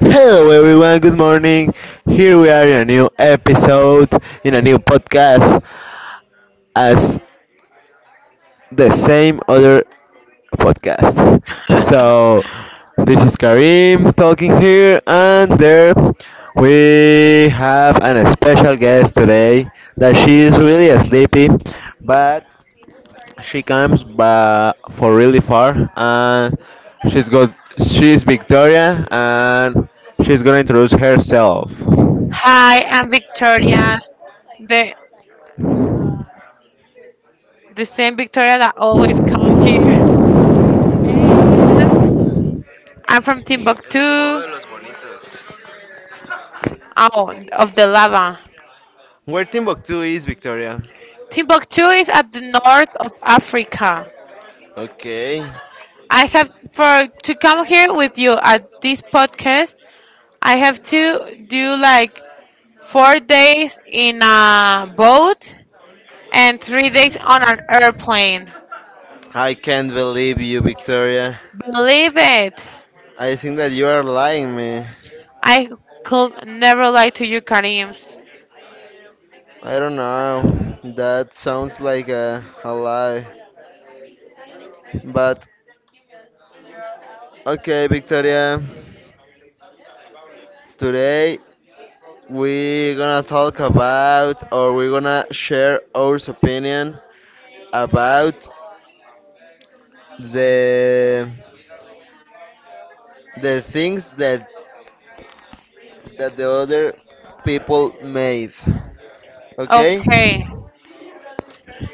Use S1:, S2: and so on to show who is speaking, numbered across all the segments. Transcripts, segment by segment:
S1: Hello everyone, good morning. Here we are in a new episode, in a new podcast, as the same other podcast. So, this is Karim talking here, and there we have an special guest today that she is really sleepy, but she comes for really far, and she's Victoria, and she's gonna introduce herself.
S2: Hi, I'm Victoria, the the same Victoria that always come here. And I'm from Timbuktu,
S1: Monitos.
S2: oh, of the lava.
S1: Where Timbuktu is, Victoria?
S2: Timbuktu is at the north of Africa.
S1: Okay.
S2: I have for to come here with you at this podcast. I have to do like 4 days in a boat and 3 days on an airplane.
S1: I can't believe you, Victoria.
S2: Believe it.
S1: I think that you are lying me.
S2: I could never lie to you, Karims.
S1: I don't know. That sounds like a lie. But okay, Victoria. Today we're gonna talk about, or we're gonna share our opinion about the the things that the other people made. Okay?
S2: Okay.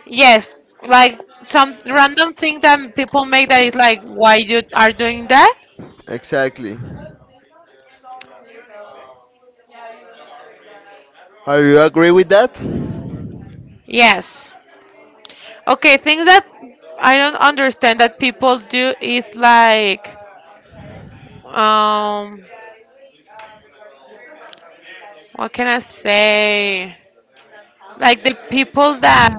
S2: Yes, like some random thing that people make that is like, why you are doing that?
S1: Exactly. Are you agree with that?
S2: Yes. Okay, things that I don't understand that people do is like, um, what can I say? Like the people that,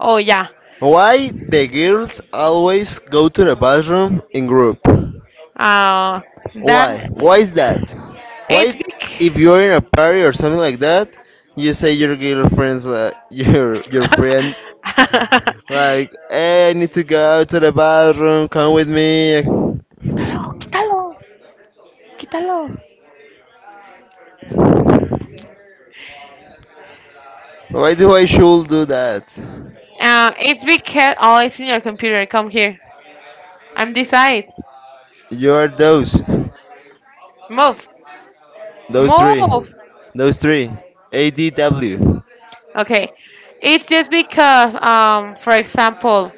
S2: oh yeah,
S1: Why the girls always go to the bathroom in group?
S2: uh, that
S1: Why? Why is that?
S2: it's
S1: Why if
S2: bec-
S1: you're in a party or something like that, you say your girlfriends like your friends like, "Hey, I need to go to the bathroom. Come with me."
S2: quítalo, quítalo, quítalo.
S1: Why do I should do that?
S2: It's because oh, it's in your computer. Come here. I'm this side.
S1: You are those.
S2: Move,
S1: Those three.
S2: move.
S1: Those three. ADW.
S2: Okay. It's just because, for example,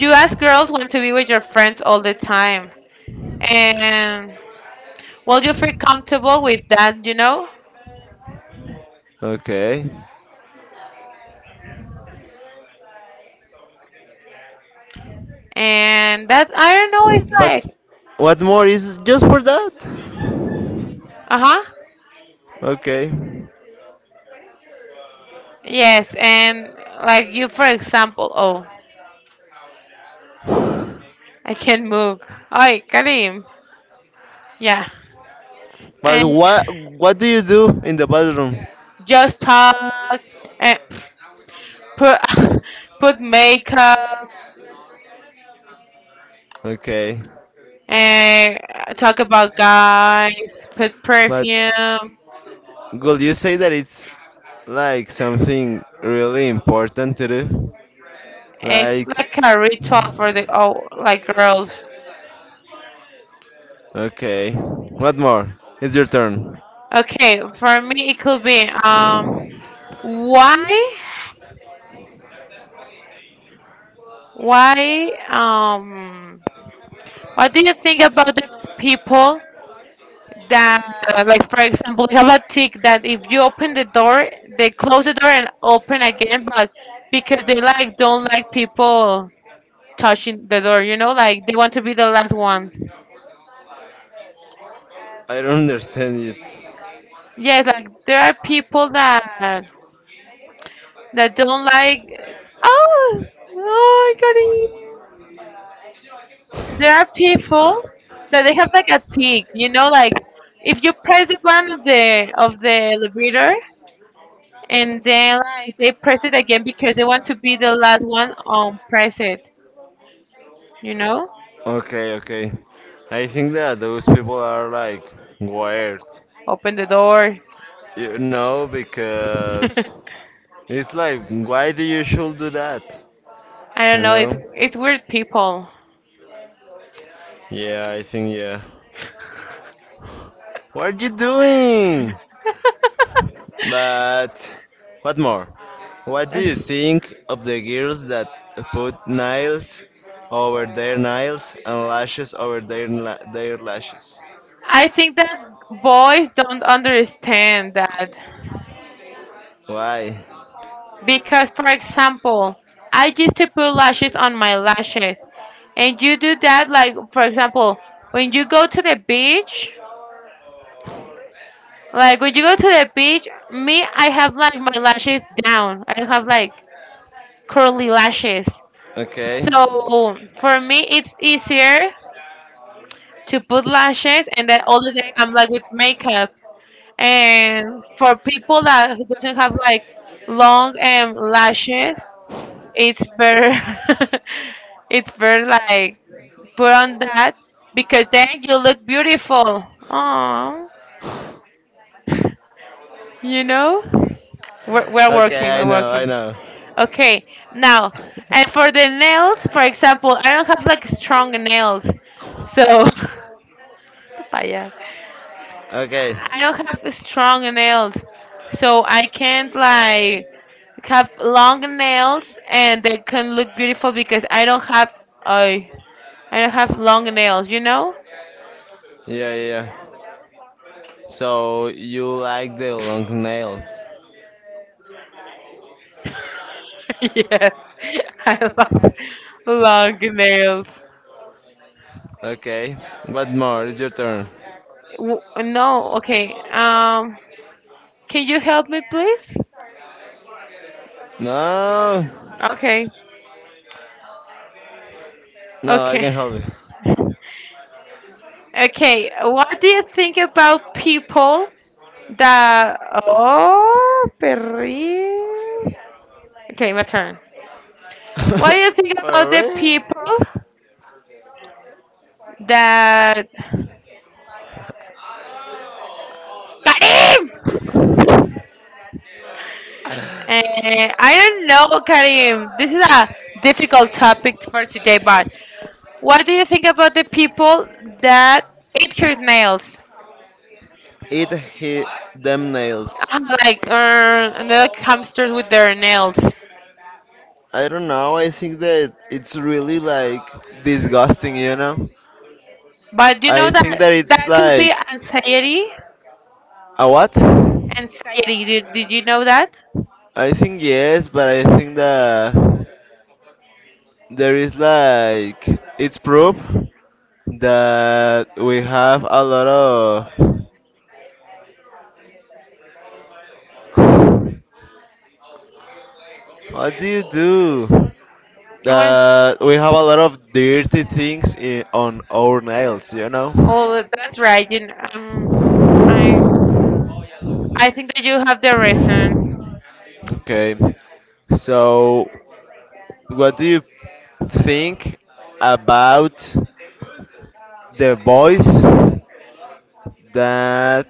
S2: you as girls want to be with your friends all the time. And, well, you feel comfortable with that, you know?
S1: Okay.
S2: And that's, I don't know, it's like,
S1: But what more is just for that?
S2: uh huh.
S1: Okay.
S2: Yes. And, like, you, for example, oh, I can't move. Ay, Karim. Yeah.
S1: But
S2: And
S1: what do you do in the bathroom?
S2: just talk and put, put makeup
S1: Okay.
S2: and talk about guys, put
S1: But
S2: perfume.
S1: would you say that it's like something really important to do? It's
S2: It's
S1: like,
S2: like a ritual for the oh, like girls.
S1: okay. What more? It's your turn.
S2: Okay, for me it could be why why what do you think about the people that like for example you have a tick that if you open the door they close the door and open again but because they like don't like people touching the door, you know, like they want to be the last ones.
S1: I don't understand it.
S2: Yes, like there are people that don't like. Oh, oh my god! There are people that they have like a tick. You know, like if you press the button of the elevator and then they press it again because they want to be the last one on press it. You know,
S1: Okay, okay. I think that those people are like weird,
S2: open the door.
S1: you know, because it's like, why do you should do that?
S2: I
S1: You
S2: don't know. It's
S1: know? It's,
S2: it's weird people.
S1: yeah, I think yeah. What are you doing? But what more? What do you think of the girls that put nails over their nails and lashes over their lashes?
S2: I think that boys don't understand that
S1: Why?
S2: because, for example, I used to put lashes on my lashes. And you do that, like, for example, when you go to the beach, like, when you go to the beach, me, I have, like, my lashes down. I have, like, curly lashes.
S1: Okay.
S2: So for me, it's easier
S1: Where
S2: to put lashes, and then all the day I'm, like, with makeup. And for people that who doesn't have, like, long lashes, it's better. It's better, like, put on that because then you look beautiful. Aww, you know? We're working,
S1: okay, I
S2: we're
S1: know, I
S2: working.
S1: know.
S2: Okay, now, and for the nails, for example, I don't have like strong nails. So, Vaya.
S1: Okay.
S2: I don't have strong nails. So I can't like have long nails and they can look beautiful because I don't have I I don't have long nails, you know?
S1: Yeah, yeah. So you like the long nails.
S2: Yes. I love long nails.
S1: Okay. What more? It's your turn.
S2: W- no, okay. Can you help me, please?
S1: No.
S2: Okay,
S1: No, I
S2: okay,
S1: can help you.
S2: okay. What do you think about people that? Oh, perri. Okay, my turn. What do
S1: What
S2: you think about
S1: for
S2: the people
S1: real?
S2: that? Karim. Eh, I don't know, Karim. This is a difficult topic for today, but what do you think about the people that eat her nails?
S1: Eat he them nails.
S2: Like or like hamsters with their nails.
S1: I don't know. I think that it's really like disgusting, you know?
S2: But you know
S1: I
S2: that
S1: think that it's
S2: that could be
S1: like
S2: anxiety.
S1: a what?
S2: Anxiety. Did you know that?
S1: I think yes, but I think that there is like it's proof that we have a lot of what do you do?
S2: Well,
S1: That we have a lot of dirty things in, on our nails, you know?
S2: oh, that's right. You kn- I I think that you have the reason.
S1: Okay. So what do you think about the boys that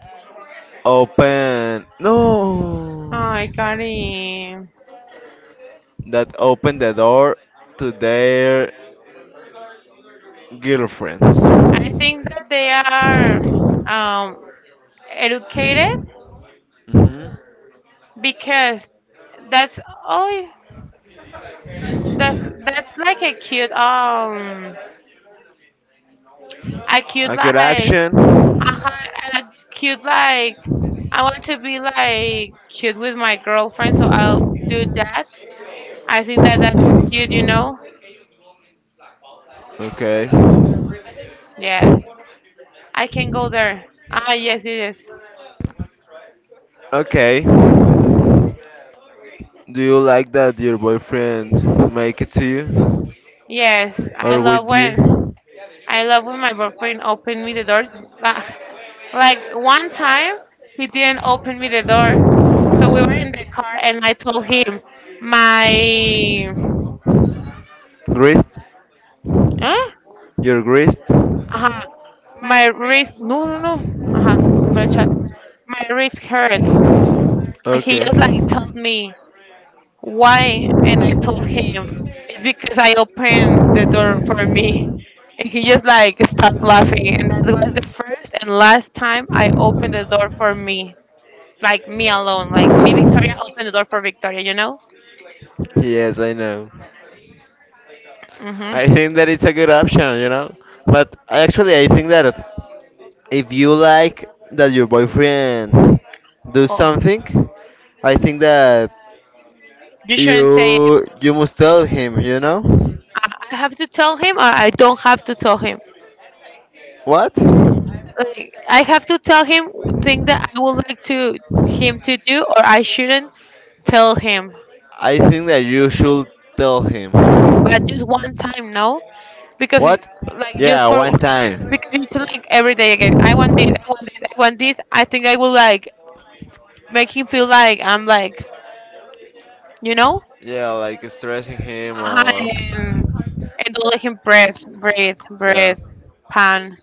S1: open
S2: Oh,
S1: no
S2: I got it.
S1: that open the door to their girlfriends?
S2: I think that they are um educated
S1: Hmm.
S2: because that's oh that's like a cute
S1: A good
S2: like
S1: action.
S2: uh-huh, uh, cute like I want to be like cute with my girlfriend, so I'll do that. I think that that's cute, you know.
S1: Okay.
S2: Yes, I can go there. Ah, yes, it is.
S1: Okay. Do you like that your boyfriend make it to you?
S2: Yes,
S1: Or I with you?
S2: I love when my boyfriend opened me the door. Ah, like one time, he didn't open me the door, so we were in the car, and I told him my.
S1: Grist?
S2: Huh?
S1: Your grist?
S2: Uh-huh. My wrist, no, no, no. Uh-huh. My chat. My wrist hurts. And he
S1: Okay.
S2: just like told me why, and I told him it's because I opened the door for me. And he just like started laughing, and that was the first and last time I opened the door for me, like me alone, like me Victoria opened the door for Victoria, you know?
S1: Yes, I know.
S2: Mhm.
S1: I think that it's a good option, you know? But actually, I think that if you like that your boyfriend do
S2: Oh,
S1: something, I think that
S2: you shouldn't say it.
S1: you must tell him, you know?
S2: I have to tell him, or I don't have to tell him.
S1: What?
S2: Like, I have to tell him things that I would like to him to do, or I shouldn't tell him.
S1: I think that you should tell him.
S2: But just one time, no, because it-
S1: What?
S2: like, just
S1: Yeah, one
S2: for
S1: time.
S2: because it's like every day again. I want this. I want this. I want this. I think I will like make him feel like I'm like, you know,
S1: Yeah, like stressing him or.
S2: and, and don't let him breathe, breathe,
S1: Yeah,
S2: breathe. Pan,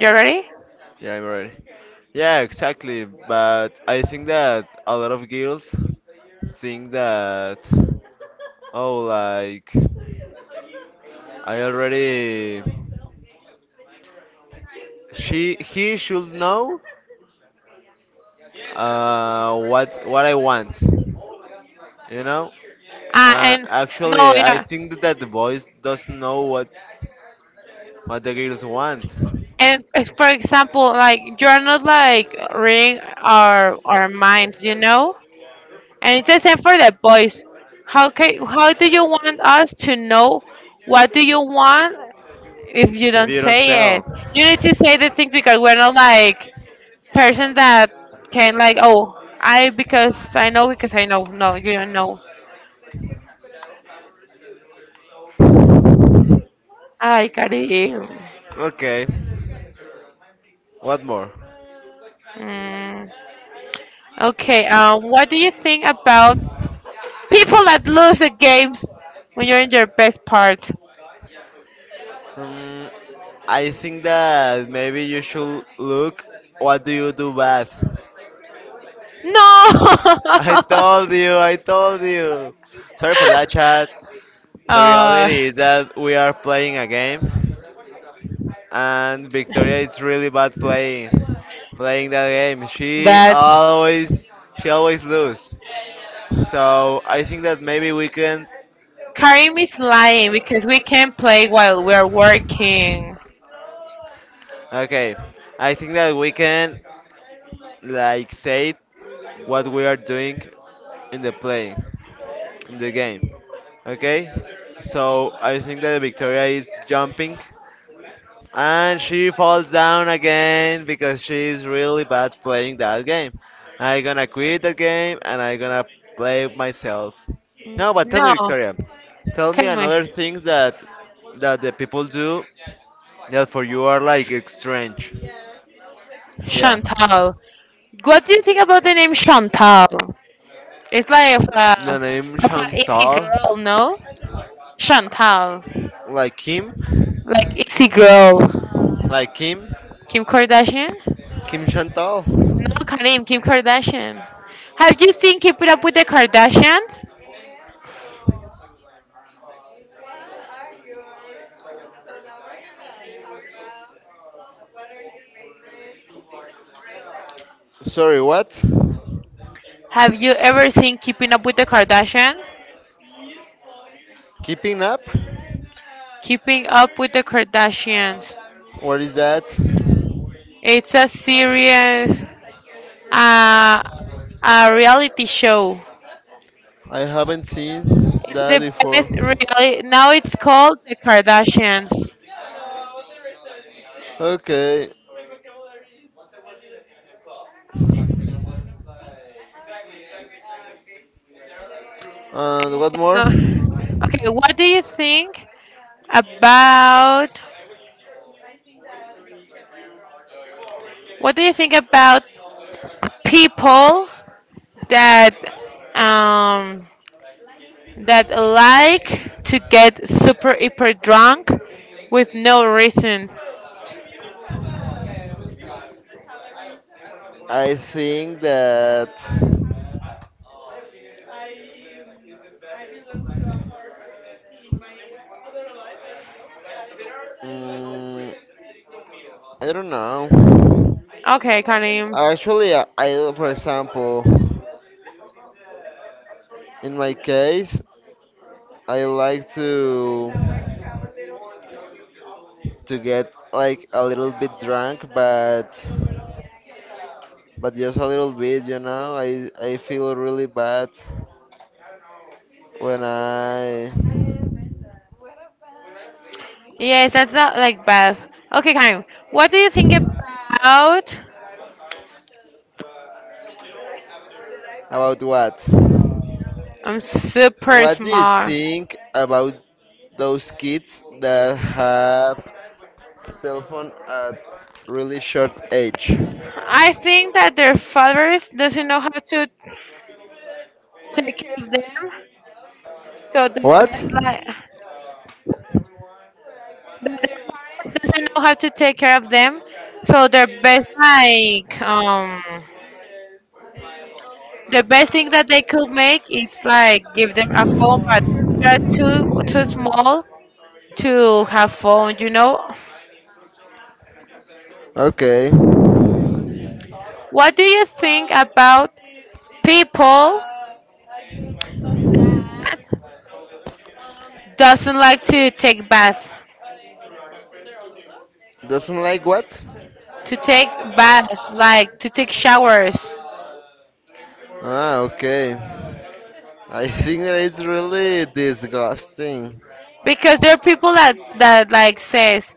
S2: you ready?
S1: yeah, I'm ready. Yeah, exactly. But I think that a lot of girls think that, oh, like, I already, she, he should know, what I want, you know.
S2: Ah, and no,
S1: Actually, I
S2: yeah.
S1: think that the boys doesn't know what the girls want
S2: And if, for example, like you are not like reading our minds, you know. And it's the same for the boys. How can how do you want us to know what do you want if you
S1: if
S2: don't
S1: you don't
S2: say
S1: tell.
S2: it? You need to say the thing because we're not like person that can like oh I because I know no you don't know. I got it.
S1: Know, okay. What more?
S2: Mm. Okay. What do you think about people that lose the game when you're in your best part?
S1: Um, I think that maybe you should look what do you do bad.
S2: No.
S1: I told you, I told you. Sorry for that chat. The
S2: Uh,
S1: reality is that we are playing a game and Victoria is really bad playing that game.
S2: that
S1: She always lose. So I think that maybe we can
S2: Karim is lying because we can't play while we're working.
S1: okay. I think that we can like say what we are doing in the play, in the game. Okay? So I think that Victoria is jumping and she falls down again because she is really bad playing that game. I gonna quit the game and I gonna play myself. No, but tell me,
S2: No.
S1: Victoria, tell me
S2: Tell me,
S1: another things that that the people do that for you are like strange. Yeah.
S2: Chantal. What do you think about the name Chantal? It's like
S1: The name
S2: of a easy girl,
S1: Chantal,
S2: no? Chantal,
S1: like Kim.
S2: like easy girl.
S1: Like Kim?
S2: Kim Kardashian?
S1: Kim Chantal?
S2: No, Karim. Kim Kardashian. Have you seen Keeping Up with the Kardashians?
S1: Sorry, what?
S2: Have you ever seen Keeping Up with the Kardashians?
S1: Keeping up?
S2: Keeping Up with the Kardashians.
S1: What is that?
S2: It's a serious, uh, a reality show.
S1: I haven't seen
S2: It's
S1: that
S2: the
S1: before.
S2: best reality. Now it's called the Kardashians.
S1: Okay. And what more?
S2: Uh, Okay, what do you think about what do you think about people that um that like to get super hyper drunk with no reason?
S1: I think that. Mm, I don't know.
S2: Okay, Karim.
S1: Actually, I for example, in my case, I like to get like a little bit drunk, but just a little bit, you know. I feel really bad when I
S2: Yes, that's not like Beth. Okay, Karim, what do you think about
S1: about what?
S2: I'm super
S1: What do you
S2: smart?
S1: think about those kids that have cell phone at really short age?
S2: I think that their fathers doesn't know how to take care of them, so the
S1: What?
S2: best like know how to take care of them, so their best like the best thing that they could make is like give them a phone, but they're too small to have phone. You know,
S1: Okay.
S2: what do you think about people? Doesn't like
S1: Doesn't like what?
S2: to take baths, like to take showers,
S1: Ah, okay. I think that it's really disgusting.
S2: because there are people that that like says,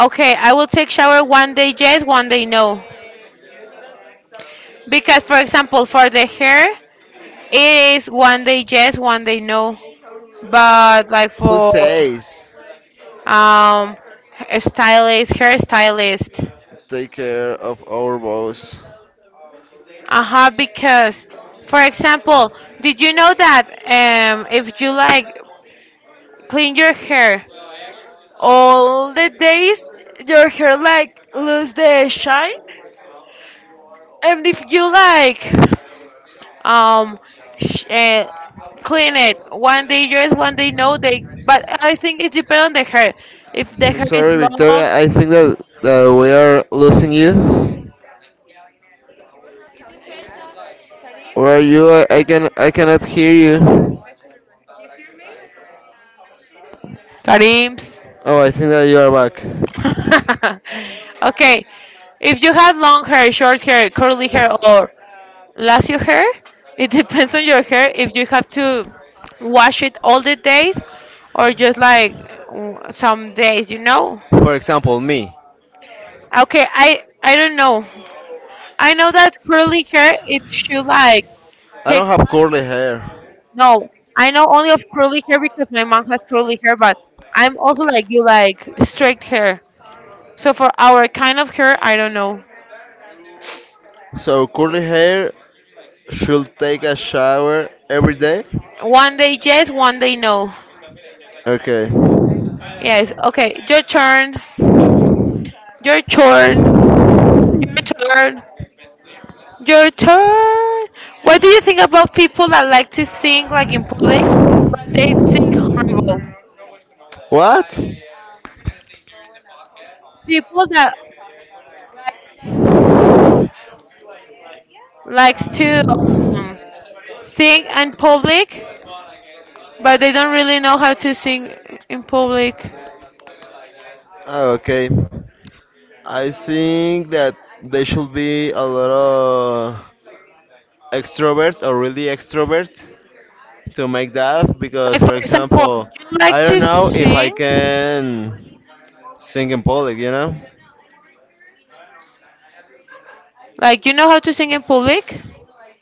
S2: okay, I will take shower one day yes, one day no. Because for example, for the hair, it is one day yes, one day no. But like
S1: Who
S2: for
S1: says
S2: um, a stylist, hairstylist,
S1: take care of our boss?
S2: uh huh, because for example, did you know that if you like clean your hair all the days your hair like lose the shine and if you like um sh- clean it one day yes one day no day but I think it depends on the hair if the
S1: I'm
S2: hair is
S1: sorry,
S2: long.
S1: Victoria. I think that, that we are losing you. Where are you? I can I cannot hear you.
S2: Karims.
S1: Oh, I think that you are back.
S2: Okay, if you have long hair, short hair, curly hair, or lacio hair, it depends on your hair if you have to wash it all the days or just like w- some days, you know.
S1: For example, me.
S2: Okay, I don't know. I know that curly hair it should like
S1: I
S2: take
S1: don't have curly hair.
S2: no. I know only of curly hair because my mom has curly hair, but I'm also like you like straight hair. So for our kind of hair, I don't know.
S1: So curly hair should take a shower every day.
S2: One day yes, one day no.
S1: Okay.
S2: Yes. Okay, your turn. Your turn. Your turn. Your turn. What do you think about people that like to sing like in public? But they sing horrible.
S1: What?
S2: People that like, likes to. Um. Sing in public, but they don't really know how to sing in public.
S1: Oh, okay. I think that they should be a lot of extrovert or really extrovert to make that because,
S2: Like for
S1: for
S2: example,
S1: example,
S2: you like
S1: I don't
S2: to
S1: know if I
S2: sing,
S1: can sing in public, you know?
S2: like you know how to sing in public.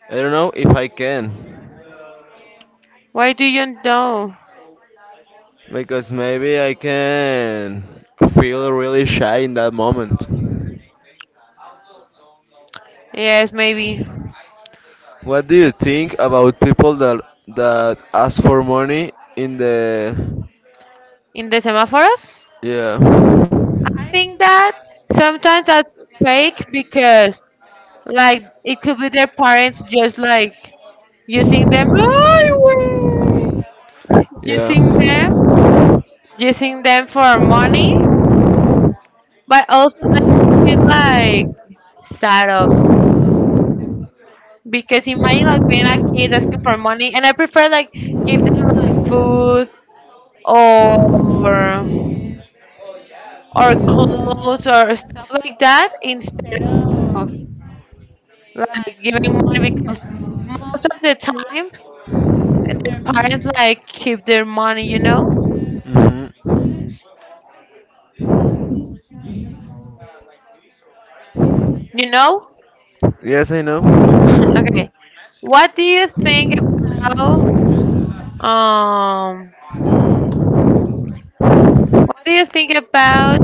S1: I don't know if I can
S2: Why do you know?
S1: because maybe I can feel really shy in that moment.
S2: Yes, maybe
S1: What do you think about people that ask for money in the
S2: in the semaphores.
S1: yeah.
S2: I think that sometimes that's fake because like it could be their parents just like using them "Oh, I will,"
S1: Yeah.
S2: using them for money but also I feel like sad of because imagine like being a kid asking for money, and I prefer like give them like food or or or clothes or stuff like that instead of like giving money because most of the time their parents like keep their money. You know,
S1: Mhm.
S2: you know.
S1: Yes, I know.
S2: Okay, what do you think about um? What do you think about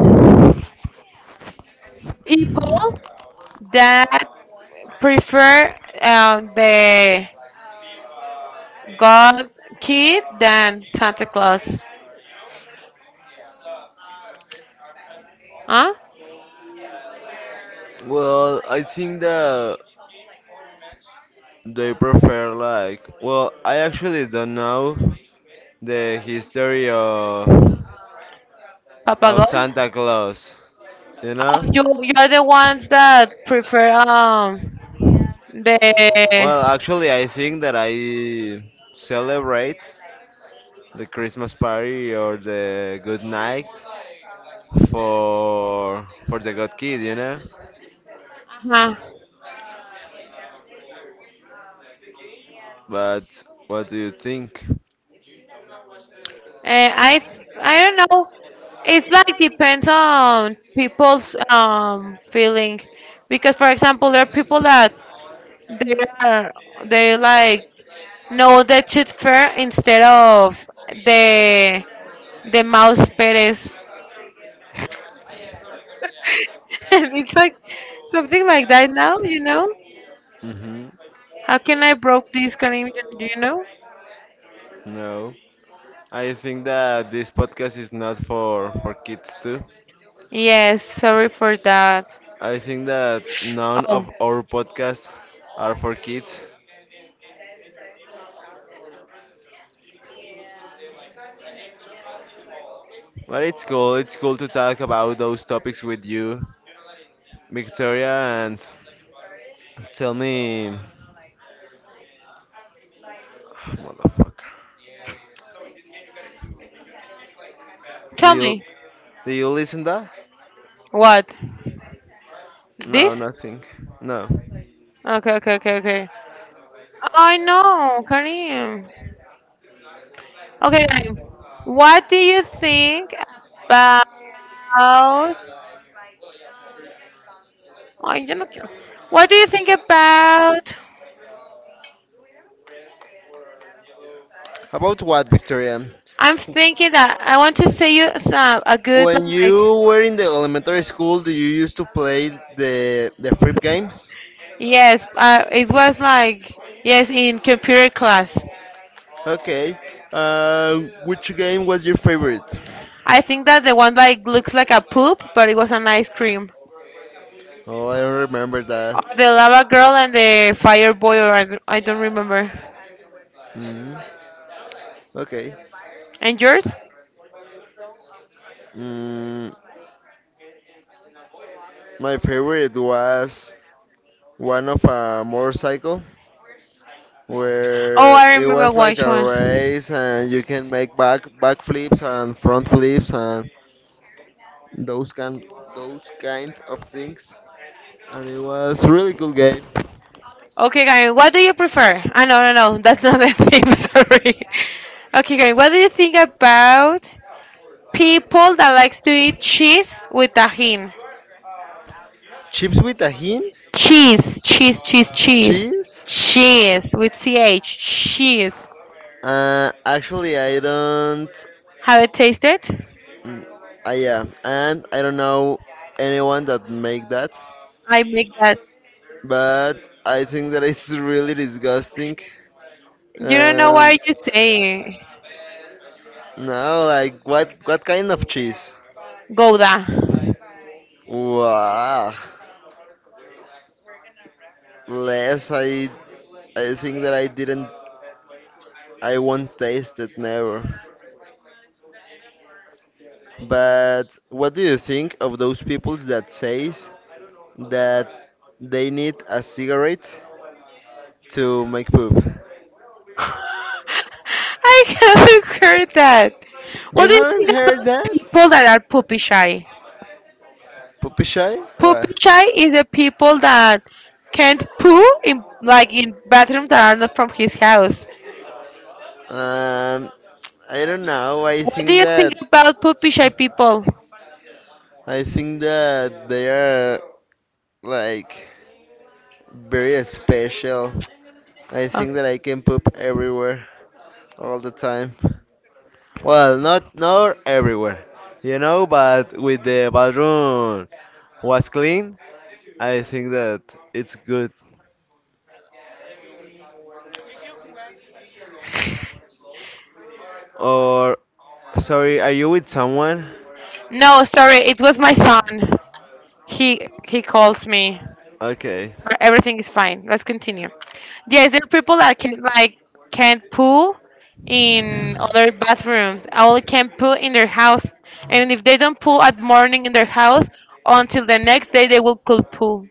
S2: people that prefer the God kid than Santa Claus. Huh?
S1: Well, I think that they prefer like. Well, I actually don't know the history
S2: Papa
S1: of
S2: God? Oh,
S1: Santa Claus. You
S2: you
S1: know.
S2: you're the ones that prefer the
S1: Well, actually, I think that I celebrate the Christmas party or the good night for the good kid. You know.
S2: huh.
S1: But what do you think?
S2: Eh, I th- I don't know. It's like depends on people's feeling because for example there are people that they are they like know the tooth fair instead of the the mouse Perez. It's like something like that now, you know?
S1: Hmm.
S2: How can I broke this connection? Do you know?
S1: No. I think that this podcast is not for for kids too.
S2: Yes, sorry for that.
S1: I think that none
S2: Oh,
S1: of our podcasts are for kids. But it's cool. It's cool to talk about those topics with you, Victoria, and tell me, motherfucker, do
S2: tell
S1: you
S2: me
S1: do you listen that?
S2: what?
S1: No,
S2: This?
S1: nothing. No.
S2: Okay, okay, okay, okay. I know, Karim. Okay, Karim. What do you think about? I don't know. What do you think about?
S1: About what, Victoria?
S2: I'm thinking that I want to say you some a good
S1: When
S2: like
S1: you were in the elementary school, do you used to play the flip games?
S2: yes. It was like yes in computer class.
S1: Okay. Which game was your favorite?
S2: I think that the one like looks like a poop, but it was an ice cream.
S1: Oh, I don't remember that.
S2: The lava girl and the fire boy, or I, d- I don't remember.
S1: Mm, okay.
S2: And yours?
S1: Mm, my favorite was one of a motorcycle
S2: Oh,
S1: where
S2: I
S1: it
S2: remember
S1: was like
S2: which
S1: a
S2: one.
S1: race and you can make back flips and front flips and those kind those kind of things. And it was really cool game.
S2: Okay, Karen, what do you prefer? Ah, no, no, no, that's not the theme. Sorry. Okay, Karen, what do you think about people that likes to eat cheese with tahin?
S1: Chips with a hint?
S2: Cheese, cheese, cheese, cheese,
S1: Cheese.
S2: cheese with ch, cheese.
S1: Actually, I don't.
S2: Have it tasted?
S1: Mm, yeah, and I don't know anyone that make that,
S2: I make that.
S1: but I think that it's really disgusting.
S2: You don't know
S1: Um,
S2: what you're saying.
S1: no, like what kind of cheese?
S2: Gouda.
S1: Wow, less I think that I didn't I won't taste it never. But what do you think of those people that says that they need a cigarette to make poop?
S2: I haven't heard that.
S1: You
S2: What do you
S1: haven't
S2: think
S1: heard
S2: about
S1: that?
S2: people that are poopy shy?
S1: Puppy shy?
S2: Poopy
S1: What?
S2: shy is the people that can't poo in like in bathrooms that are not from his house.
S1: Um, I don't know.
S2: What do you think about poopy shy people?
S1: I think that they are like very special. I
S2: Oh,
S1: think that I can poop everywhere all the time. Well, not not everywhere, you know, but with the bathroom was clean, I think that it's good. Or sorry, are you with someone?
S2: no, sorry, it was my son. He calls me.
S1: Okay.
S2: Everything is fine. Let's continue. Yes, there are people that can like can't poo in other bathrooms. Only can poo in their house, and if they don't poo at morning in their house, until the next day they will poo poo.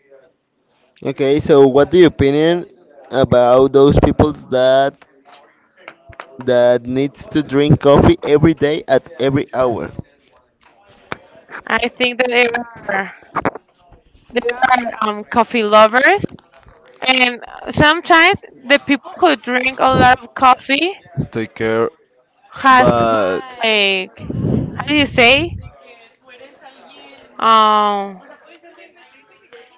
S1: Okay, so what do you opinion about those people that that needs to drink coffee every day at every hour.
S2: I think that are they are coffee lovers, and sometimes the people who drink a lot of coffee
S1: Take care,
S2: has
S1: but
S2: like how do you say um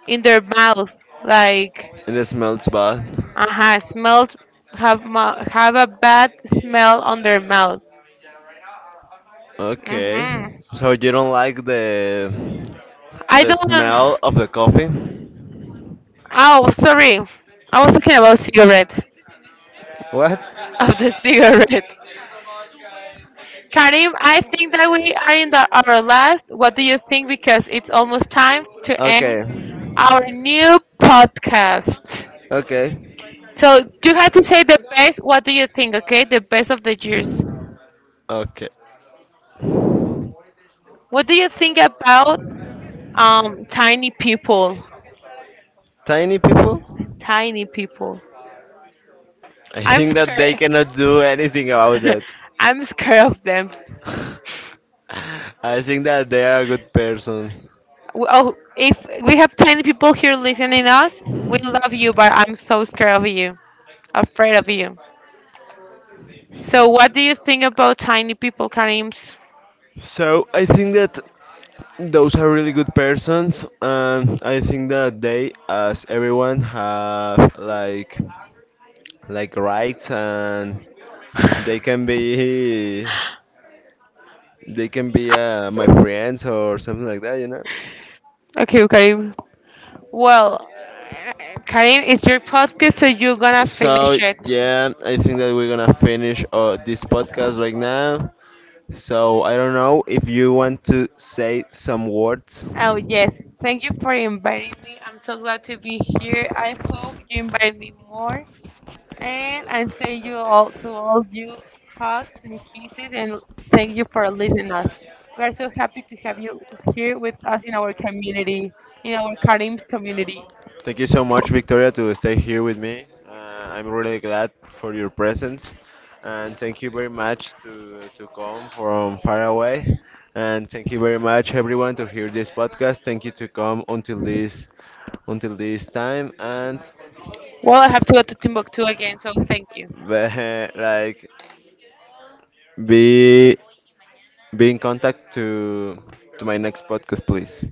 S2: in their mouth like
S1: it smells bad.
S2: uh-huh. Smells have ma have a bad smell on their mouth.
S1: Okay,
S2: Hmm.
S1: so you don't like
S2: I
S1: the
S2: don't.
S1: smell of the coffee?
S2: Oh, sorry. I was talking about cigarette.
S1: What?
S2: Of the cigarette. Karim, I think that we are in the, our last. What do you think? Because it's almost time to end
S1: Okay.
S2: our new podcast.
S1: Okay.
S2: So you have to say the best. What do you think? Okay, the best of the years.
S1: Okay.
S2: What do you think about tiny people?
S1: Tiny people?
S2: Tiny people.
S1: I
S2: I'm
S1: think that they
S2: scared.
S1: cannot do anything about that.
S2: I'm scared of them.
S1: I think that they are good persons.
S2: W- oh, if we have 10 people here listening us, we love you, but I'm so scared of you, afraid of you. So, what do you think about tiny people, Karim?
S1: So I think that those are really good persons, and I think that they, as everyone, have like rights, and they can be they can be my friends or something like that, you know.
S2: Okay, Karim. Well, Karim, it's your podcast, so you're gonna finish
S1: So
S2: it.
S1: yeah, I think that we're gonna finish this podcast right now. So I don't know if you want to say some words.
S2: Oh, yes. Thank you for inviting me. I'm so glad to be here. I hope you invite me more. And I thank you all to all you hugs and kisses and thank you for listening us. We are so happy to have you here with us in our community, in our Karim community.
S1: Thank you so much, Victoria, to stay here with me. I'm really glad for your presence, and thank you very much to come from far away. And thank you very much, everyone, to hear this podcast. Thank you to come until this time, and
S2: Well, I have to go to Timbuktu again, so thank you.
S1: like be be in contact to my next podcast, please.